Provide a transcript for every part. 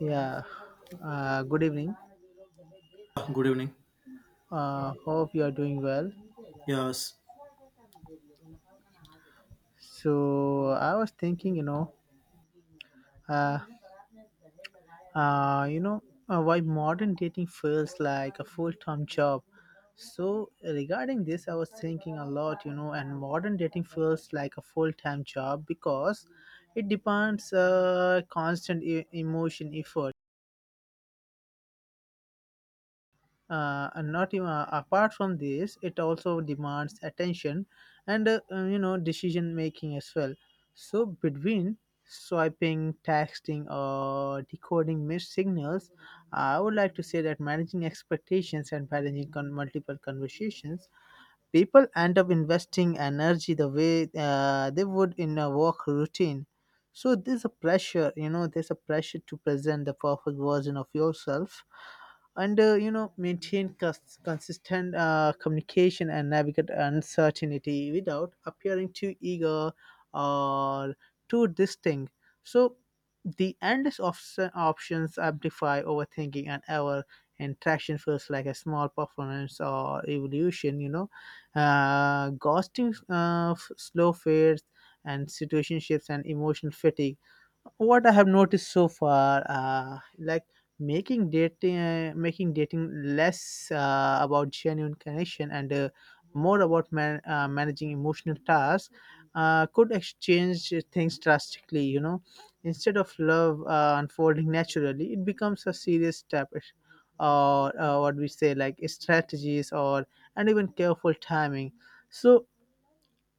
Yeah, good evening. Good evening. Hope you are doing well. Yes. So I was thinking, uh, uh, you know, why modern dating feels like a full-time job. So regarding this, I was thinking a lot, you know, and modern dating feels like a full-time job because it demands constant emotion effort, and not even apart from this it also demands attention and you know, decision making as well. So between swiping, texting, or decoding missed signals, I would like to say that managing expectations and managing multiple conversations, people end up investing energy the way they would in a work routine. So there's a pressure, you know, there's a pressure to present the perfect version of yourself and you know, maintain consistent communication and navigate uncertainty without appearing too eager or too distinct. So the endless options amplify overthinking, and our interaction feels like a small performance or evolution, you know. Ghosting, slow fades, and situationships, and emotional fatigue. What I have noticed so far, like making dating less about genuine connection and more about managing emotional tasks, could exchange things drastically. You know, instead of love unfolding naturally, it becomes a serious step, or what we say like strategies, or and even careful timing. So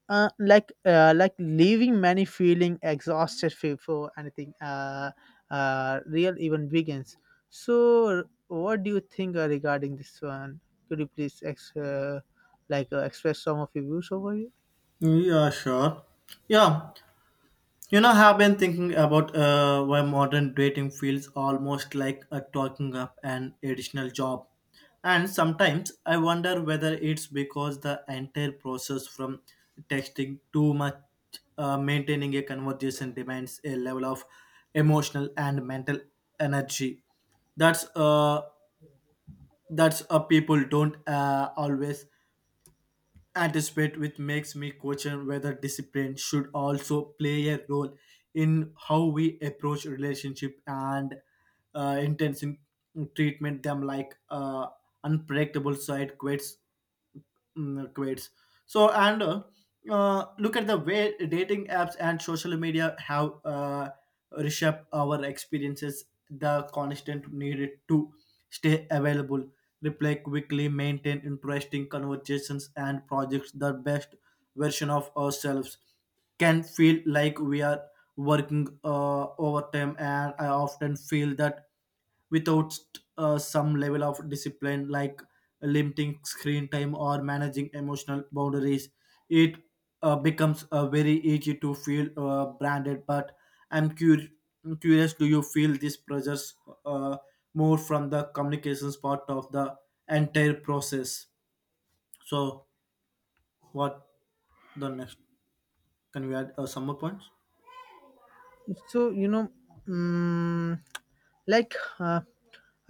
like leaving many feeling exhausted before anything real even begins. So, what do you think regarding this one? Could you please like express some of your views over here? Yeah, sure. Yeah. You know, I've been thinking about why modern dating feels almost like a talking up an additional job. And sometimes I wonder whether it's because the entire process from texting too much maintaining a conversation demands a level of emotional and mental energy that's uh that's people don't always anticipate, which makes me question whether discipline should also play a role in how we approach relationship and intention treatment them like unpredictable side quits quits. So and Look at the way dating apps and social media have reshaped our experiences. The constant need to stay available, reply quickly, maintain interesting conversations and projects. The best version of ourselves can feel like we are working overtime, and I often feel that without some level of discipline like limiting screen time or managing emotional boundaries it becomes very easy to feel branded. But i'm cur- curious, do you feel these pressures uh, more from the communications part of the entire process? So what the next, can we add some more points? So you know, mm like uh,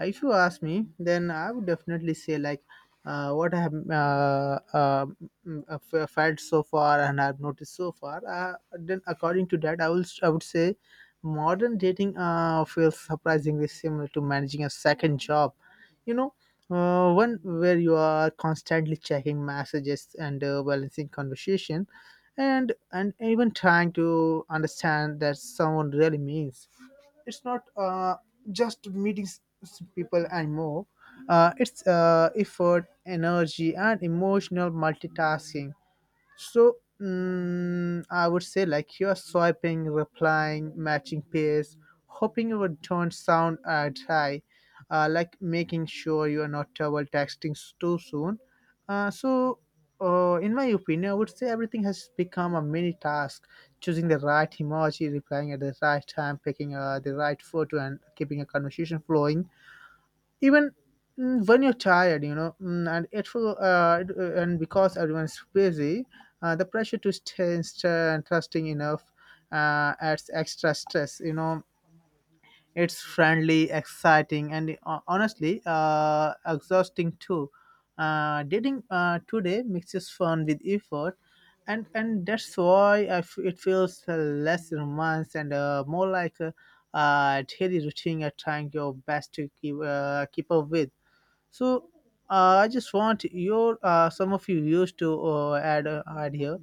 If you ask me, then I would definitely say like, what I have felt so far, and I've noticed so far. Then according to that, I would say modern dating feels surprisingly similar to managing a second job. You know, one where you are constantly checking messages and balancing conversation, and even trying to understand that someone really means, it's not just meeting people anymore. It's effort, energy, and emotional multitasking. So I would say like you're swiping, replying, matching pairs, hoping you would don't sound high, like making sure you are not double texting too soon. So in my opinion, I would say everything has become a mini task: choosing the right emoji, replying at the right time, picking the right photo, and keeping a conversation flowing even when you're tired, you know, and it will and because everyone's busy, the pressure to stay and trusting enough adds extra stress, you know. It's friendly, exciting, and honestly exhausting too. Dating today mixes fun with effort, and that's why it feels less romance and more like a daily routine you're trying your best to keep keep up with. So I just want your some of you views to add here.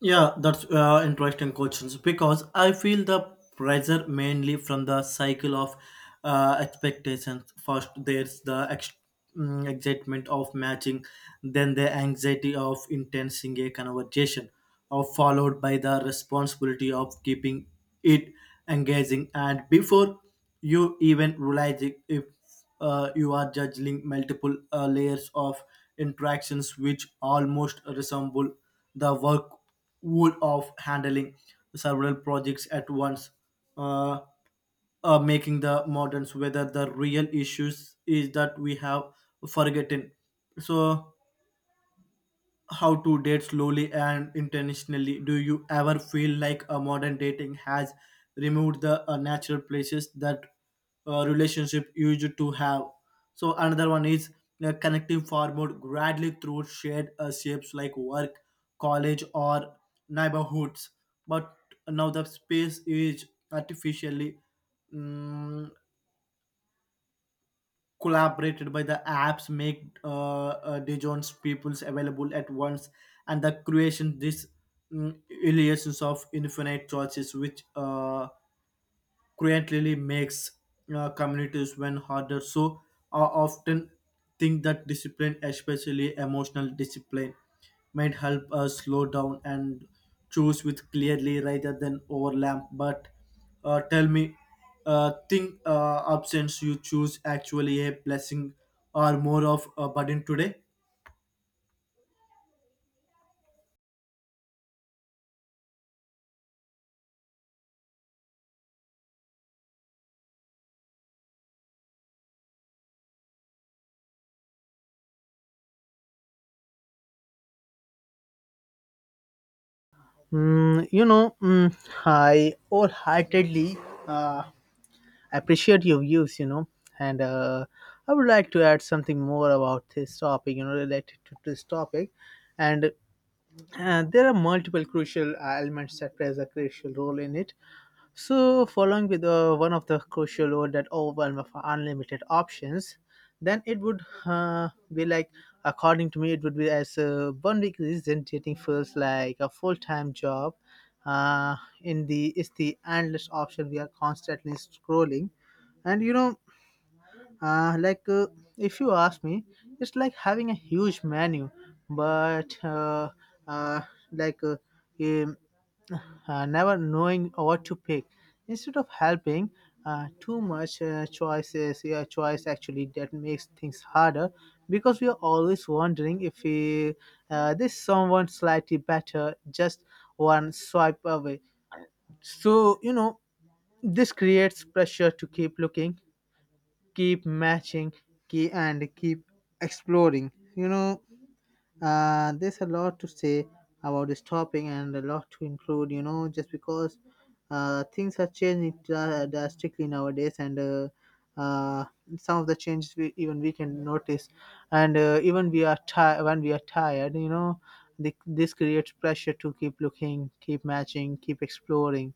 Yeah, that's interesting questions because I feel the pressure mainly from the cycle of expectations. First, there's the excitement of matching, then the anxiety of intensing a conversation, or followed by the responsibility of keeping it engaging. And before you even realize it, if you are juggling multiple layers of interactions which almost resemble the work would of handling several projects at once, uh, making the moderns whether the real issues is that we have forgotten so how to date slowly and intentionally. Do you ever feel like a modern dating has removed the natural places that relationship used to have? So another one is connecting forward gradually through shared shapes like work, college, or neighborhoods. But now the space is artificially mm collaborated by the apps, make Dijon's peoples available at once, and the creation this mm, illusions of infinite choices, which creatively makes communities when harder. So I often think that discipline, especially emotional discipline, might help us slow down and choose with clearly rather than overlap. But tell me, think absence you choose actually a blessing or more of a burden today? You know, I wholeheartedly uh, appreciate your views. You know, and I would like to add something more about this topic. You know, related to this topic, and there are multiple crucial elements that plays a crucial role in it. So, following with one of the crucial role that overwhelm of unlimited options, then it would be like, according to me, it would be as one week representing feels like a full time job. Uh, in the is the endless option we are constantly scrolling, and you know like, if you ask me, it's like having a huge menu, but uh, like um, never knowing what to pick. Instead of helping, too much choices, yeah, choice actually that makes things harder because we are always wondering if we, this someone slightly better just one swipe away. So, you know, this creates pressure to keep looking, keep matching, key and keep exploring, you know. There's a lot to say about this topic and a lot to include, you know, just because things are changing drastically nowadays, and uh, some of the changes we can notice, and even we are tired when we are tired, you know, this creates pressure to keep looking, keep matching, keep exploring,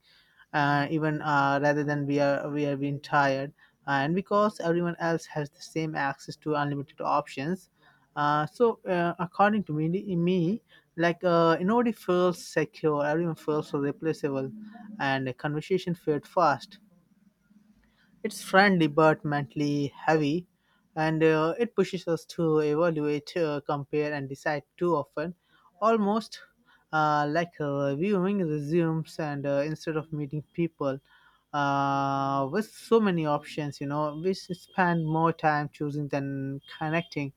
even rather than we are being tired. And because everyone else has the same access to unlimited options, so according to me, me like, nobody feels secure, everyone feels replaceable, and the conversation fade fast. It's friendly but mentally heavy, and it pushes us to evaluate, compare, and decide too often, almost like viewing resumes and instead of meeting people. With so many options, you know, spend more time choosing than connecting.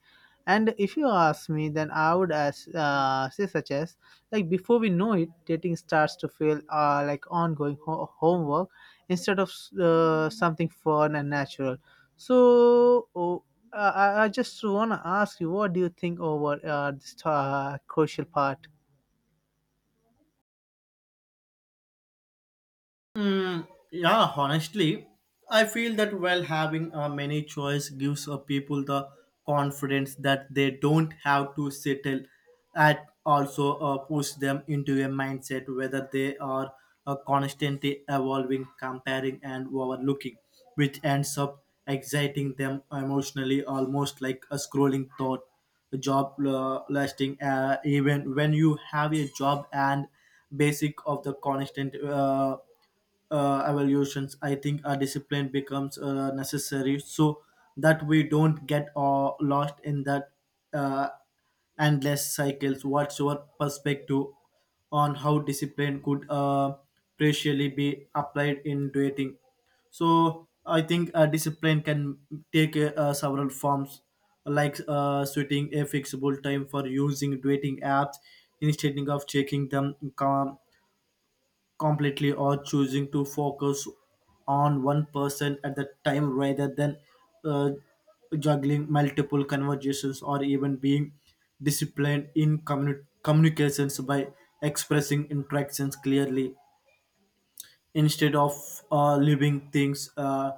And if you ask me, then I would as say such as like before we know it, dating starts to feel like ongoing homework instead of something fun and natural. So I just want to ask you, what do you think over this crucial part? Mm, yeah, honestly, I feel that while having a many choice gives a people the confidence that they don't have to settle at also push them into a mindset whether they are constantly evolving, comparing and overlooking, which ends up exciting them emotionally almost like a scrolling thought, a job lasting even when you have a job and basic of the constant evaluations, I think a discipline becomes necessary so that we don't get lost in that uh, endless cycles. What's your perspective on how discipline could practically be applied in dating? So I think discipline can take several forms, like setting a fixable time for using dating apps instead of checking them completely, or choosing to focus on one person at the time rather than uh, juggling multiple conversations, or even being disciplined in communications by expressing interactions clearly instead of living things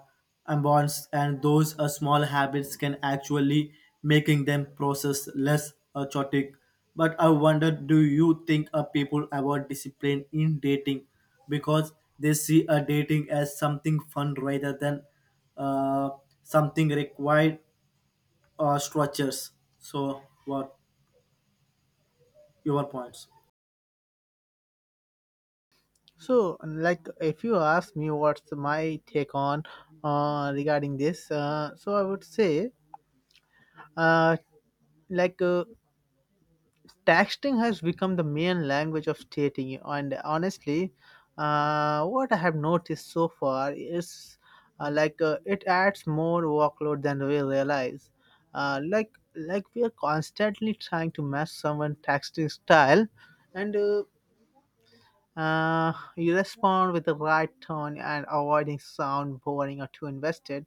and bonds. And those small habits can actually making them process less chaotic. But I wonder, do you think people about discipline in dating because they see a dating as something fun rather than uh, something required structures? So what your points? So, like, if you ask me what's my take on regarding this, so I would say, uh, like, texting has become the main language of dating, and honestly, what I have noticed so far is, like, it adds more workload than we realize. Like we are constantly trying to match someone texting style, and you respond with the right tone and avoiding sound boring or too invested.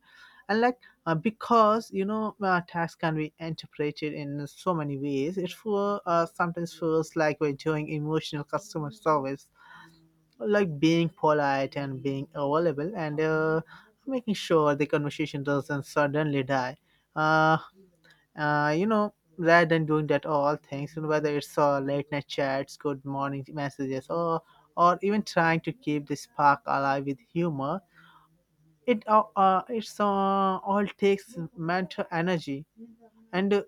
And like because you know text can be interpreted in so many ways, sometimes feels like we're doing emotional customer service, like being polite and being available and making sure the conversation doesn't suddenly die. Uh, you know, rather than doing that all things, you know, whether it's late night chats, good morning messages, or even trying to keep the spark alive with humor, it's all takes mental energy. And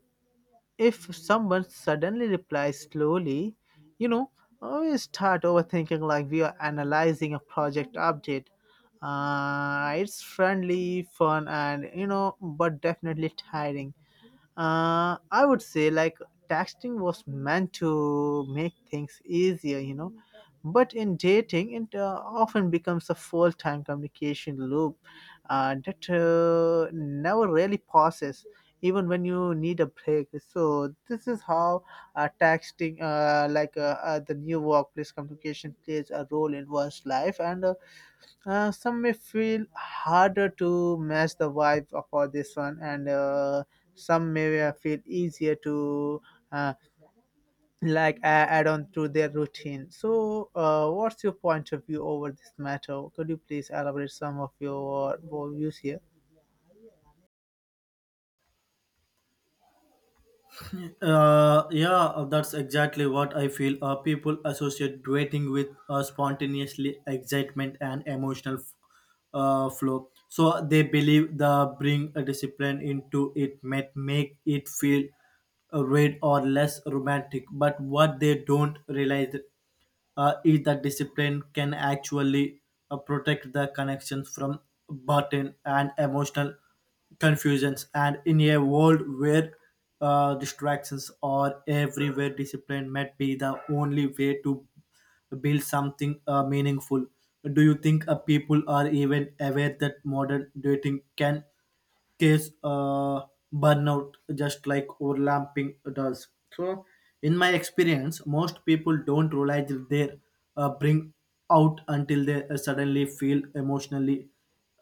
if someone suddenly replies slowly, you know, we start overthinking like we are analyzing a project update. It's friendly, fun, and you know, but definitely tiring. I would say like texting was meant to make things easier, you know, but in dating it often becomes a full-time communication loop that never really pauses even when you need a break. So this is how texting, the new workplace communication plays a role in one's life, and some may feel harder to match the vibe for this one, and some may feel easier to uh, like a- add on to their routine. So, what's your point of view over this matter? Could you please elaborate some of your views here? Yeah, that's exactly what I feel. People associate dating with spontaneously excitement and emotional flow. So they believe the bring a discipline into it might make it feel weird or less romantic. But what they don't realize is that discipline can actually protect the connections from burden and emotional confusions. And in a world where distractions are everywhere, discipline might be the only way to build something meaningful. Do you think people are even aware that modern dating can case burnout just like overlapping does? So in my experience, most people don't realize their bring out until they suddenly feel emotionally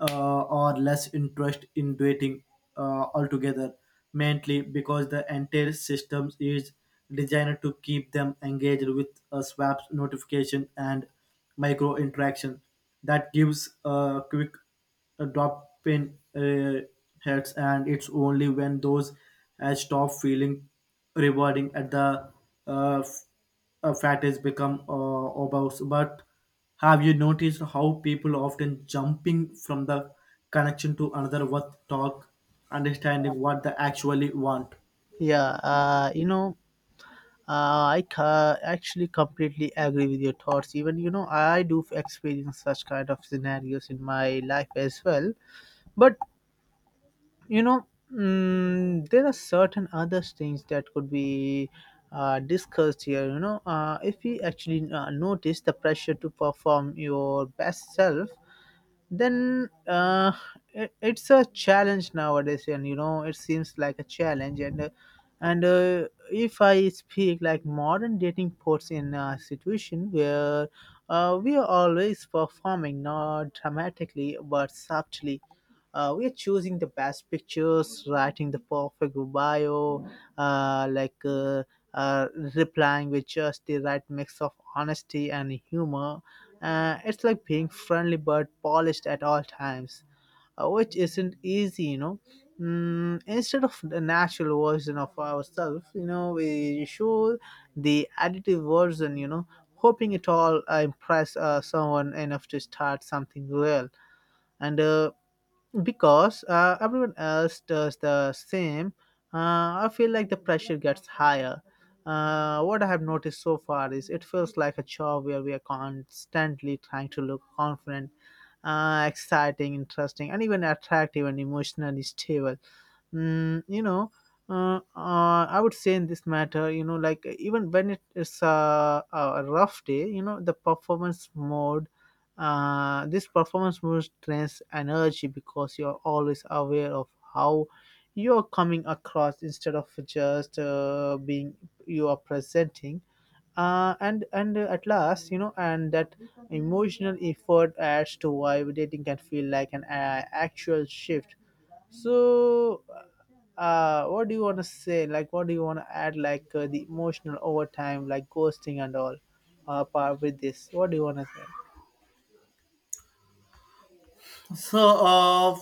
or less interest in dating altogether, mainly because the entire system is designed to keep them engaged with a swaps notification and micro interaction that gives a quick a drop in hurts, and it's only when those stop feeling rewarding at the uh, f- fat has become obvious. But have you noticed how people often jumping from the connection to another worth talk, understanding what they actually want? Yeah, you know, actually completely agree with your thoughts. Even you know, I do experience such kind of scenarios in my life as well. But you know, there are certain other things that could be discussed here, you know. If we actually notice the pressure to perform your best self, then it's a challenge nowadays, and you know, it seems like a challenge, and and if I speak like modern dating puts in a situation where we are always performing, not dramatically but subtly. We are choosing the best pictures, writing the perfect bio, uh, like uh, uh, replying with just the right mix of honesty and humor. It's like being friendly but polished at all times, which isn't easy, you know. Instead of the natural version of ourselves, you know, we show the additive version, you know, hoping it all impress someone enough to start something real. And because everyone else does the same, I feel like the pressure gets higher. What I have noticed so far is it feels like a job where we are constantly trying to look confident, exciting, interesting, and even attractive and emotionally stable, you know. I would say in this matter, you know, like, even when it is a rough day, you know, the performance mode this performance mode drains energy because you're always aware of how you're coming across instead of just being. You are presenting, and at last, you know, and that emotional effort adds to why dating can feel like an actual shift. so uh what do you want to say, like, what do you want to add, like, the emotional overtime like ghosting and all part with this? What do you want to say? So, uh,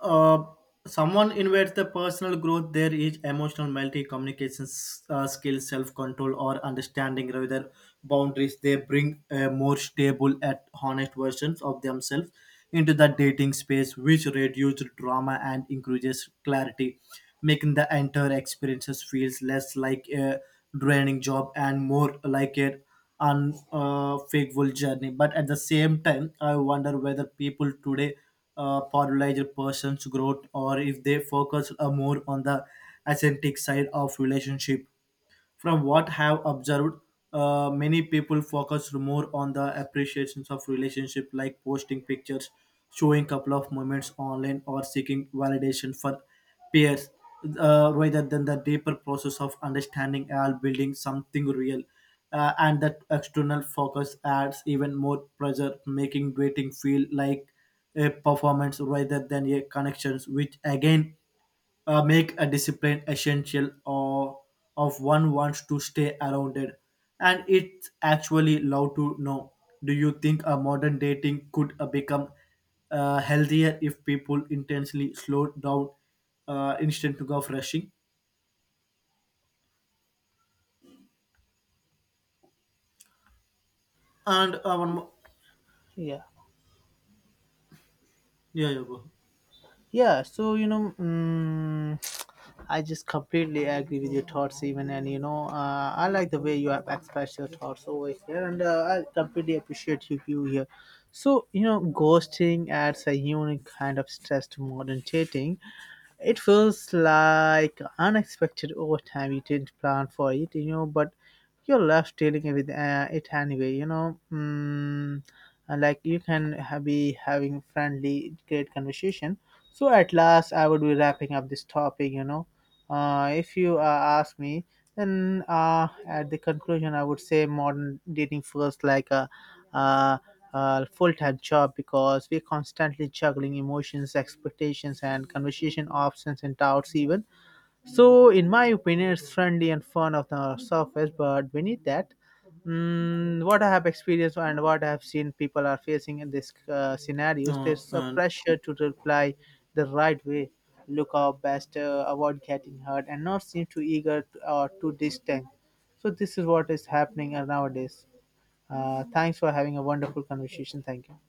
uh, someone invades the personal growth there is emotional multi communication skills, self control, or understanding rather than boundaries. They bring a more stable and honest versions of themselves into the dating space, which reduces drama and increases clarity, making the entire experiences feels less like a draining job and more like a unfaithful journey. But at the same time, I wonder whether people today prioritize a person's growth or if they focus more on the authentic side of relationship. From what I have observed, many people focus more on the appreciations of relationship, like posting pictures, showing couple of moments online, or seeking validation for peers, rather than the deeper process of understanding and building something real. And that external focus adds even more pressure, making dating feel like a performance rather than a connections, which again make a discipline essential or of one wants to stay around it. And it's actually allowed to know, do you think a modern dating could become healthier if people intentionally slow down instead of rushing, and one more? Yeah. Yeah, yeah, go. Yeah, so you know, I just completely agree with your thoughts, even, and you know, I like the way you have expressed your thoughts over here, and I completely appreciate your view here. So, you know, ghosting adds a unique kind of stress to modern dating. It feels like unexpected overtime. You didn't plan for it, you know, but you're left dealing with it anyway, you know. And like you be having friendly, great conversation. So at last, I would be wrapping up this topic, you know. If you ask me, then at the conclusion, I would say modern dating feels like a uh, full-time job because we're constantly juggling emotions, expectations, and conversation options and doubts even. So, in my opinion, it's friendly and fun of the surface, but beneath that, what I have experienced and what I have seen people are facing in these scenarios, there's a And pressure to reply the right way, look our best, avoid getting hurt, and not seem too eager or too distant. So this is what is happening nowadays. Thanks for having a wonderful conversation. Thank you.